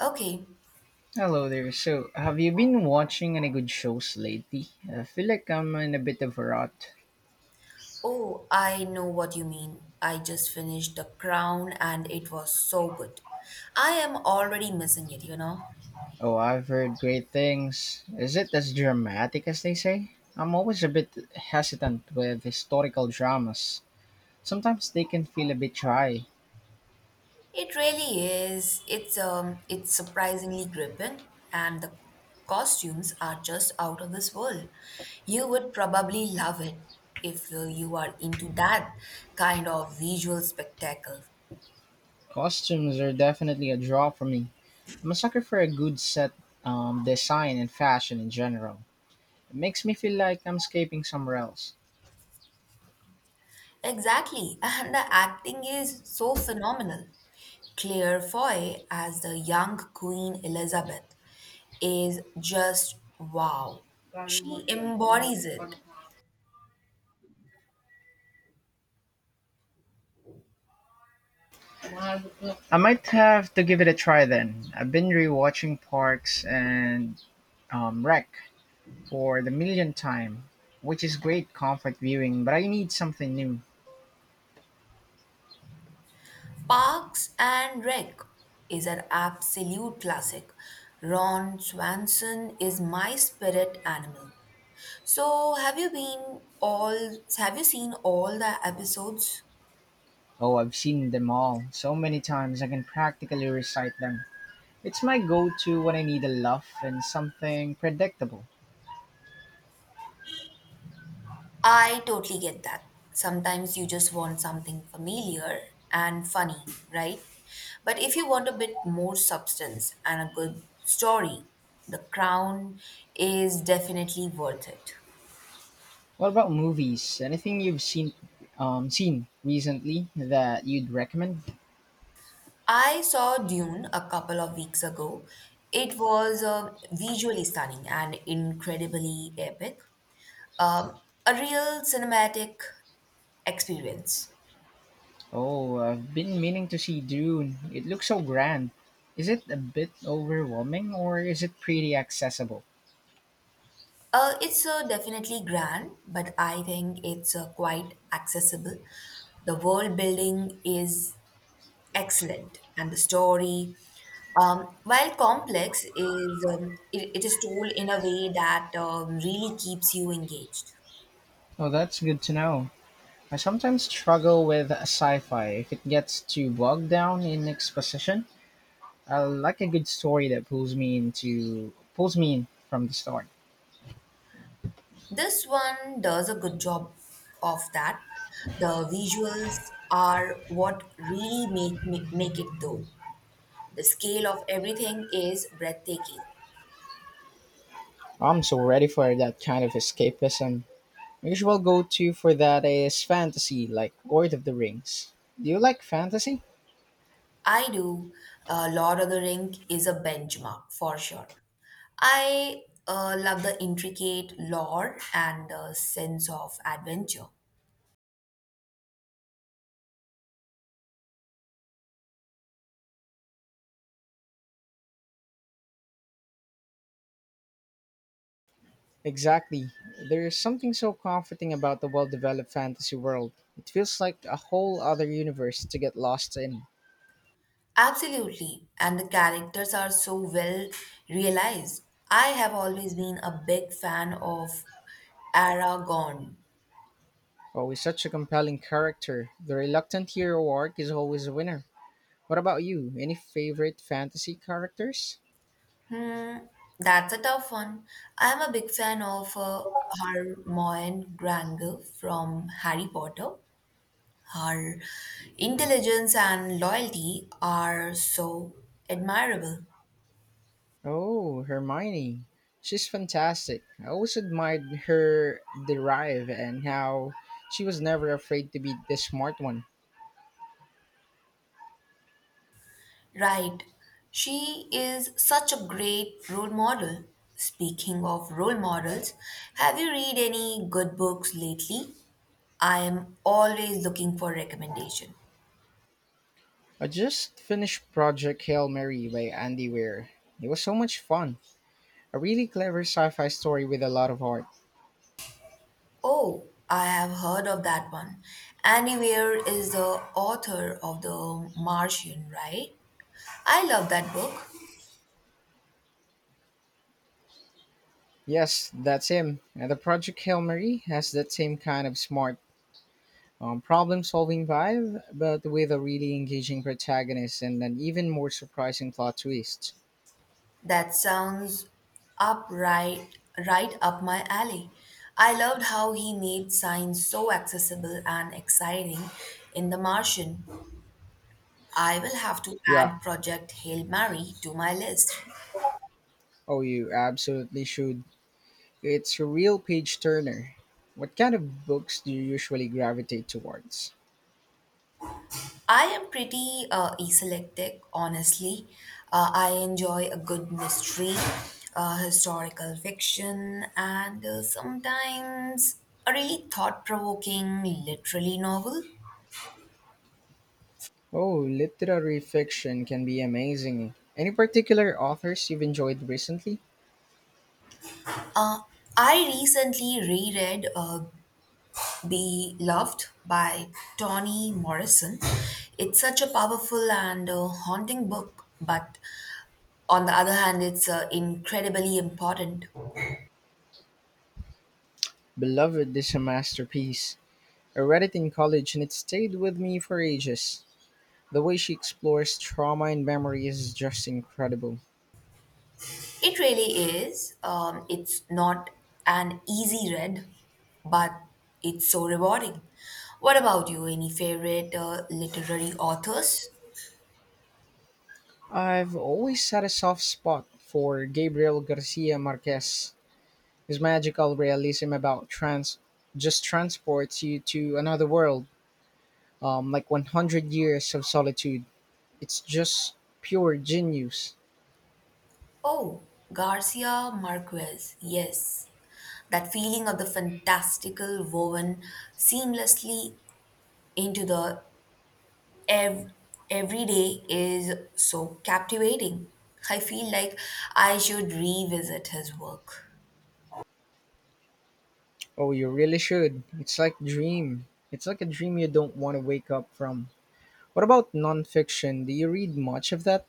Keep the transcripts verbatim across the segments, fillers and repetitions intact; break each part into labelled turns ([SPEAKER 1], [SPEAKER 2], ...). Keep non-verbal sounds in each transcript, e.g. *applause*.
[SPEAKER 1] Okay.
[SPEAKER 2] Hello there. So, have you been watching any good shows lately? I feel like I'm in a bit of a rut.
[SPEAKER 1] Oh, I know what you mean. I just finished The Crown and it was so good. I am already missing it, you know.
[SPEAKER 2] Oh, I've heard great things. Is it as dramatic as they say? I'm always a bit hesitant with historical dramas. Sometimes they can feel a bit dry.
[SPEAKER 1] It really is. It's um it's surprisingly gripping and the costumes are just out of this world. You would probably love it if uh, you are into that kind of visual spectacle.
[SPEAKER 2] Costumes are definitely a draw for me. I'm a sucker for a good set um, design and fashion in general. It makes me feel like I'm escaping somewhere else.
[SPEAKER 1] Exactly, and the acting is so phenomenal. Claire Foy as the young Queen Elizabeth is just wow. She embodies it.
[SPEAKER 2] I might have to give it a try then. I've been rewatching Parks and Um, Wreck for the millionth time, which is great comfort viewing, but I need something new.
[SPEAKER 1] Parks and Rec is an absolute classic. Ron Swanson is my spirit animal. So, have you been all have you seen all the episodes?
[SPEAKER 2] Oh, I've seen them all so many times I can practically recite them. It's my go to when I need a laugh and something predictable.
[SPEAKER 1] I totally get that. Sometimes you just want something familiar and funny, right? But if you want a bit more substance and a good story, The Crown is definitely worth it.
[SPEAKER 2] What about movies? Anything you've seen? Um, seen recently that you'd recommend?
[SPEAKER 1] I saw Dune a couple of weeks ago. It was uh, visually stunning and incredibly epic. Um, a real cinematic experience.
[SPEAKER 2] Oh, I've been meaning to see Dune. It looks so grand. Is it a bit overwhelming or is it pretty accessible?
[SPEAKER 1] Uh, it's uh, definitely grand, but I think it's uh, quite accessible. The world building is excellent, and the story, um, while complex, is um, it, it is told in a way that um, really keeps you engaged.
[SPEAKER 2] Oh, that's good to know. I sometimes struggle with sci-fi if it gets too bogged down in exposition. I like a good story that pulls me into pulls me in from the start.
[SPEAKER 1] This one does a good job of that. The visuals are what really make make it though. The scale of everything is breathtaking.
[SPEAKER 2] I'm so ready for that kind of escapism. My usual go-to for that is fantasy, like Lord of the Rings. Do you like fantasy?
[SPEAKER 1] I do. Uh, Lord of the Ring is a benchmark for sure. I uh, love the intricate lore and the sense of adventure.
[SPEAKER 2] Exactly. There's something so comforting about the well-developed fantasy world. It feels like a whole other universe to get lost in.
[SPEAKER 1] Absolutely, and the characters are so well realized. I have always been a big fan of Aragorn.
[SPEAKER 2] Always such a compelling character. The reluctant hero arc is always a winner. What about you? Any favorite fantasy characters?
[SPEAKER 1] Hmm, that's a tough one. I am a big fan of uh, Hermione Granger from Harry Potter. Her intelligence and loyalty are so admirable.
[SPEAKER 2] Oh, Hermione. She's fantastic. I always admired her drive and how she was never afraid to be the smart one.
[SPEAKER 1] Right. She is such a great role model. Speaking of role models, have you read any good books lately? I am always looking for recommendation.
[SPEAKER 2] I just finished Project Hail Mary by Andy Weir. It was so much fun. A really clever sci fi story with a lot of heart.
[SPEAKER 1] Oh, I have heard of that one. Annie Weir is the author of The Martian, right? I love that book.
[SPEAKER 2] Yes, that's him. And the Project Hail Mary has that same kind of smart um, problem-solving vibe, but with a really engaging protagonist and an even more surprising plot twist.
[SPEAKER 1] That sounds up right, right up my alley. I loved how he made science so accessible and exciting in The Martian. I will have to
[SPEAKER 2] Yeah,
[SPEAKER 1] add Project Hail Mary to my list.
[SPEAKER 2] oh, you absolutely should. It's a real page turner. What kind of books do you usually gravitate towards?
[SPEAKER 1] I am pretty uh, eclectic, honestly. Uh, I enjoy a good mystery, uh, historical fiction, and uh, sometimes a really thought provoking literary novel.
[SPEAKER 2] Oh, literary fiction can be amazing. Any particular authors you've enjoyed recently?
[SPEAKER 1] I recently reread uh, Be Loved by Toni Morrison. It's such a powerful and uh, haunting book, but on the other hand, it's uh, incredibly important.
[SPEAKER 2] Beloved is a masterpiece. I read it in college and it stayed with me for ages. The way she explores trauma and memory is just incredible.
[SPEAKER 1] It really is. Um, it's not an easy read, but it's so rewarding. What about you? Any favorite uh, literary authors?
[SPEAKER 2] I've always had a soft spot for Gabriel Garcia Marquez. His magical realism about trans just transports you to another world, um, like one hundred years of solitude. It's just pure genius.
[SPEAKER 1] Oh, Garcia Marquez. Yes. That feeling of the fantastical woven seamlessly into the ev- every day is so captivating. I feel like I should revisit his work.
[SPEAKER 2] Oh, you really should. It's like dream. It's like a dream you don't want to wake up from. What about nonfiction? Do you read much of that?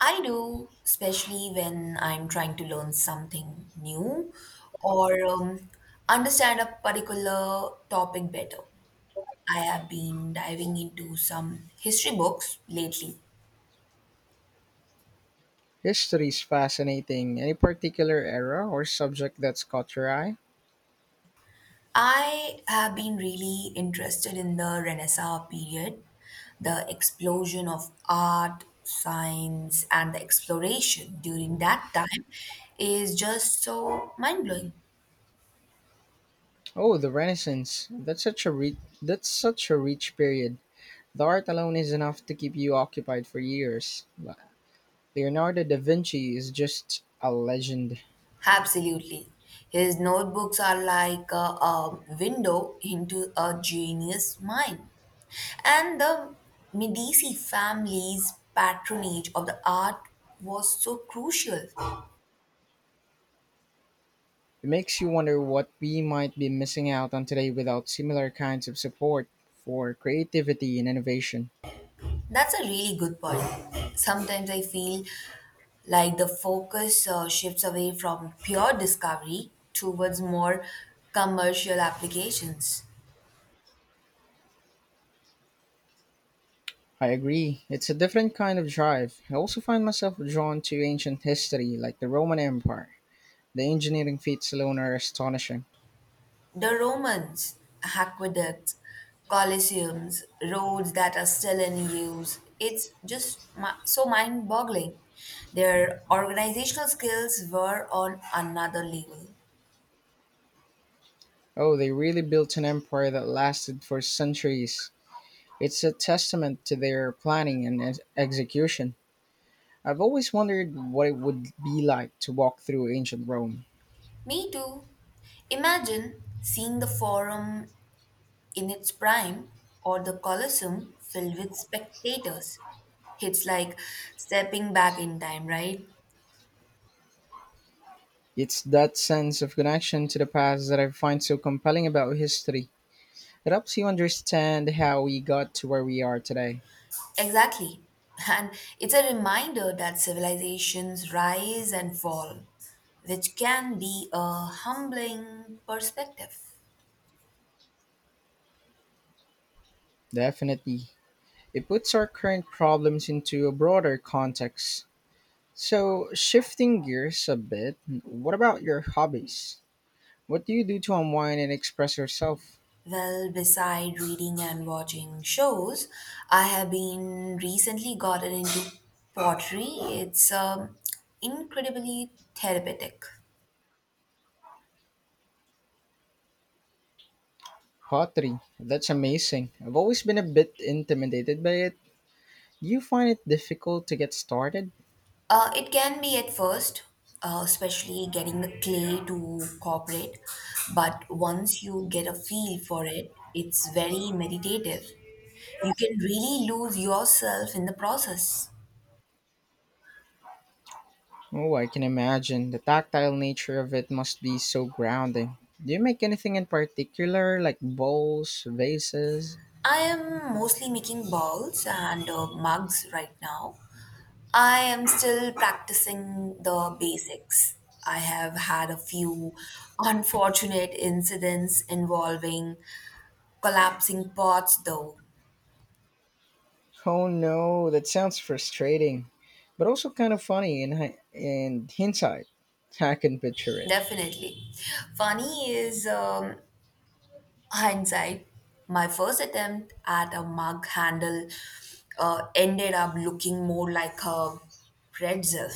[SPEAKER 1] I do, especially when I'm trying to learn something new or um, understand a particular topic better. I have been diving into some history books lately.
[SPEAKER 2] History is fascinating. Any particular era or subject that's caught your eye?
[SPEAKER 1] I have been really interested in the Renaissance period, the explosion of art, science, and the exploration during that time is just so mind blowing.
[SPEAKER 2] Oh, the Renaissance. That's such a re- that's such a rich period. The art alone is enough to keep you occupied for years. Le- Leonardo da Vinci is just a legend.
[SPEAKER 1] Absolutely. His notebooks are like a, a window into a genius mind. And the Medici family's patronage of the art was so crucial.
[SPEAKER 2] It makes you wonder what we might be missing out on today without similar kinds of support for creativity and innovation.
[SPEAKER 1] That's a really good point. Sometimes I feel like the focus uh, shifts away from pure discovery towards more commercial applications.
[SPEAKER 2] I agree. It's a different kind of drive. I also find myself drawn to ancient history like the Roman Empire. The engineering feats alone are astonishing.
[SPEAKER 1] The Romans, aqueducts, colosseums, roads that are still in use, it's just mi- so mind boggling. Their organizational skills were on another level.
[SPEAKER 2] Oh, they really built an empire that lasted for centuries. It's a testament to their planning and ex- execution. I've always wondered what it would be like to walk through ancient Rome.
[SPEAKER 1] Me too. Imagine seeing the Forum in its prime or the Colosseum filled with spectators. It's like stepping back in time, right?
[SPEAKER 2] It's that sense of connection to the past that I find so compelling about history. It helps you understand how we got to where we are today.
[SPEAKER 1] Exactly. *laughs* And it's a reminder that civilizations rise and fall, which can be a humbling perspective.
[SPEAKER 2] Definitely. It puts our current problems into a broader context. So, shifting gears a bit, what about your hobbies? What do you do to unwind and express yourself?
[SPEAKER 1] Well, beside reading and watching shows, I have been recently gotten into pottery. It's um, incredibly therapeutic.
[SPEAKER 2] Pottery. That's amazing. I've always been a bit intimidated by it. Do you find it difficult to get started?
[SPEAKER 1] Uh, it can be at first, uh, especially getting the clay to cooperate, but once you get a feel for it, it's very meditative. You can really lose yourself in the process.
[SPEAKER 2] Oh, I can imagine. The tactile nature of it must be so grounding. Do you make anything in particular, like bowls, vases?
[SPEAKER 1] I am mostly making balls and uh, mugs right now. I am still practicing the basics. I have had a few unfortunate incidents involving collapsing pots, though.
[SPEAKER 2] Oh no, that sounds frustrating, but also kind of funny in, hi- in hindsight. I can picture it.
[SPEAKER 1] Definitely. Funny is um, hindsight. My first attempt at a mug handle uh, ended up looking more like a pretzel.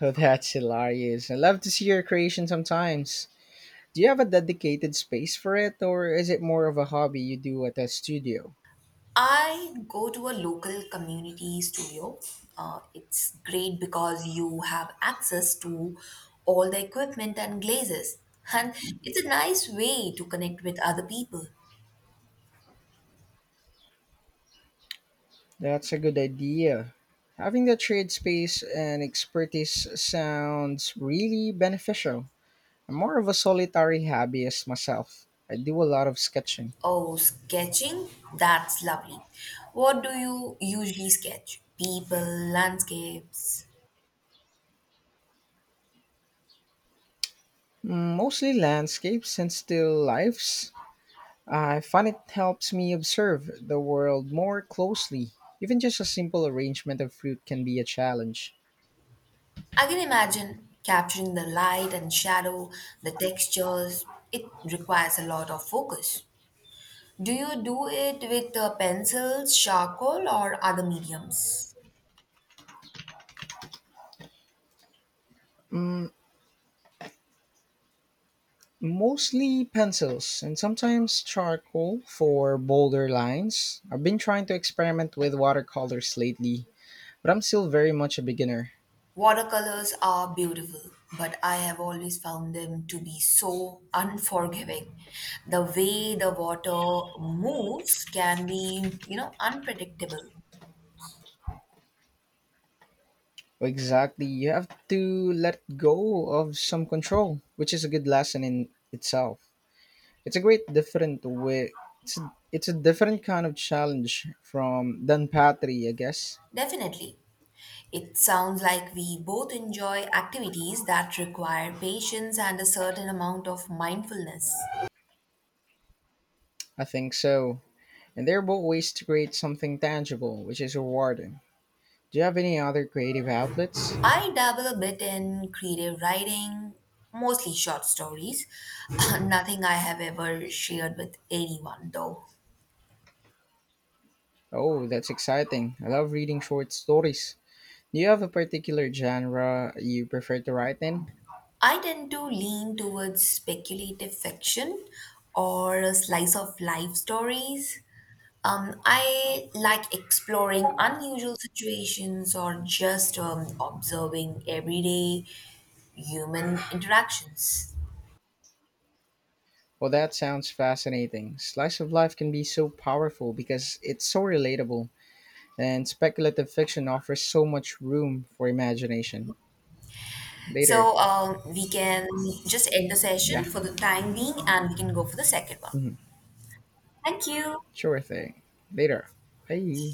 [SPEAKER 2] Oh, that's hilarious. I love to see your creation sometimes. Do you have a dedicated space for it, or is it more of a hobby you do at a studio?
[SPEAKER 1] I go to a local community studio. Uh, it's great because you have access to all the equipment and glazes. And it's a nice way to connect with other people.
[SPEAKER 2] That's a good idea. Having the trade space and expertise sounds really beneficial. I'm more of a solitary hobbyist myself. I do a lot of sketching.
[SPEAKER 1] Oh, sketching? That's lovely. What do you usually sketch? People, landscapes.
[SPEAKER 2] Mm, mostly landscapes and still lifes. I find it helps me observe the world more closely. Even just a simple arrangement of fruit can be a challenge.
[SPEAKER 1] I can imagine capturing the light and shadow, the textures. It requires a lot of focus. Do you do it with uh, pencils, charcoal, or other mediums?
[SPEAKER 2] Mostly pencils and sometimes charcoal for bolder lines. I've been trying to experiment with watercolors lately, but I'm still very much a beginner.
[SPEAKER 1] Watercolors are beautiful, but I have always found them to be so unforgiving. The way the water moves can be, you know, unpredictable.
[SPEAKER 2] Exactly. You have to let go of some control, which is a good lesson in itself. It's a great different way it's a, it's a different kind of challenge from than pottery, I guess.
[SPEAKER 1] Definitely. It sounds like we both enjoy activities that require patience and a certain amount of mindfulness.
[SPEAKER 2] I think so. And they are both ways to create something tangible, which is rewarding. Do you have any other creative outlets?
[SPEAKER 1] I dabble a bit in creative writing, mostly short stories. *laughs* *clears throat* Nothing I have ever shared with anyone, though.
[SPEAKER 2] Oh, that's exciting. I love reading short stories. Do you have a particular genre you prefer to write in?
[SPEAKER 1] I tend to lean towards speculative fiction or slice of life stories. Um, I like exploring unusual situations or just um, observing everyday human interactions.
[SPEAKER 2] Well, that sounds fascinating. Slice of life can be so powerful because it's so relatable, and speculative fiction offers so much room for imagination. Later.
[SPEAKER 1] So um, we can just end the session
[SPEAKER 2] Yeah.
[SPEAKER 1] for the time being and we can go for the second one.
[SPEAKER 2] Mhm.
[SPEAKER 1] Thank you.
[SPEAKER 2] Sure thing. Later. Bye.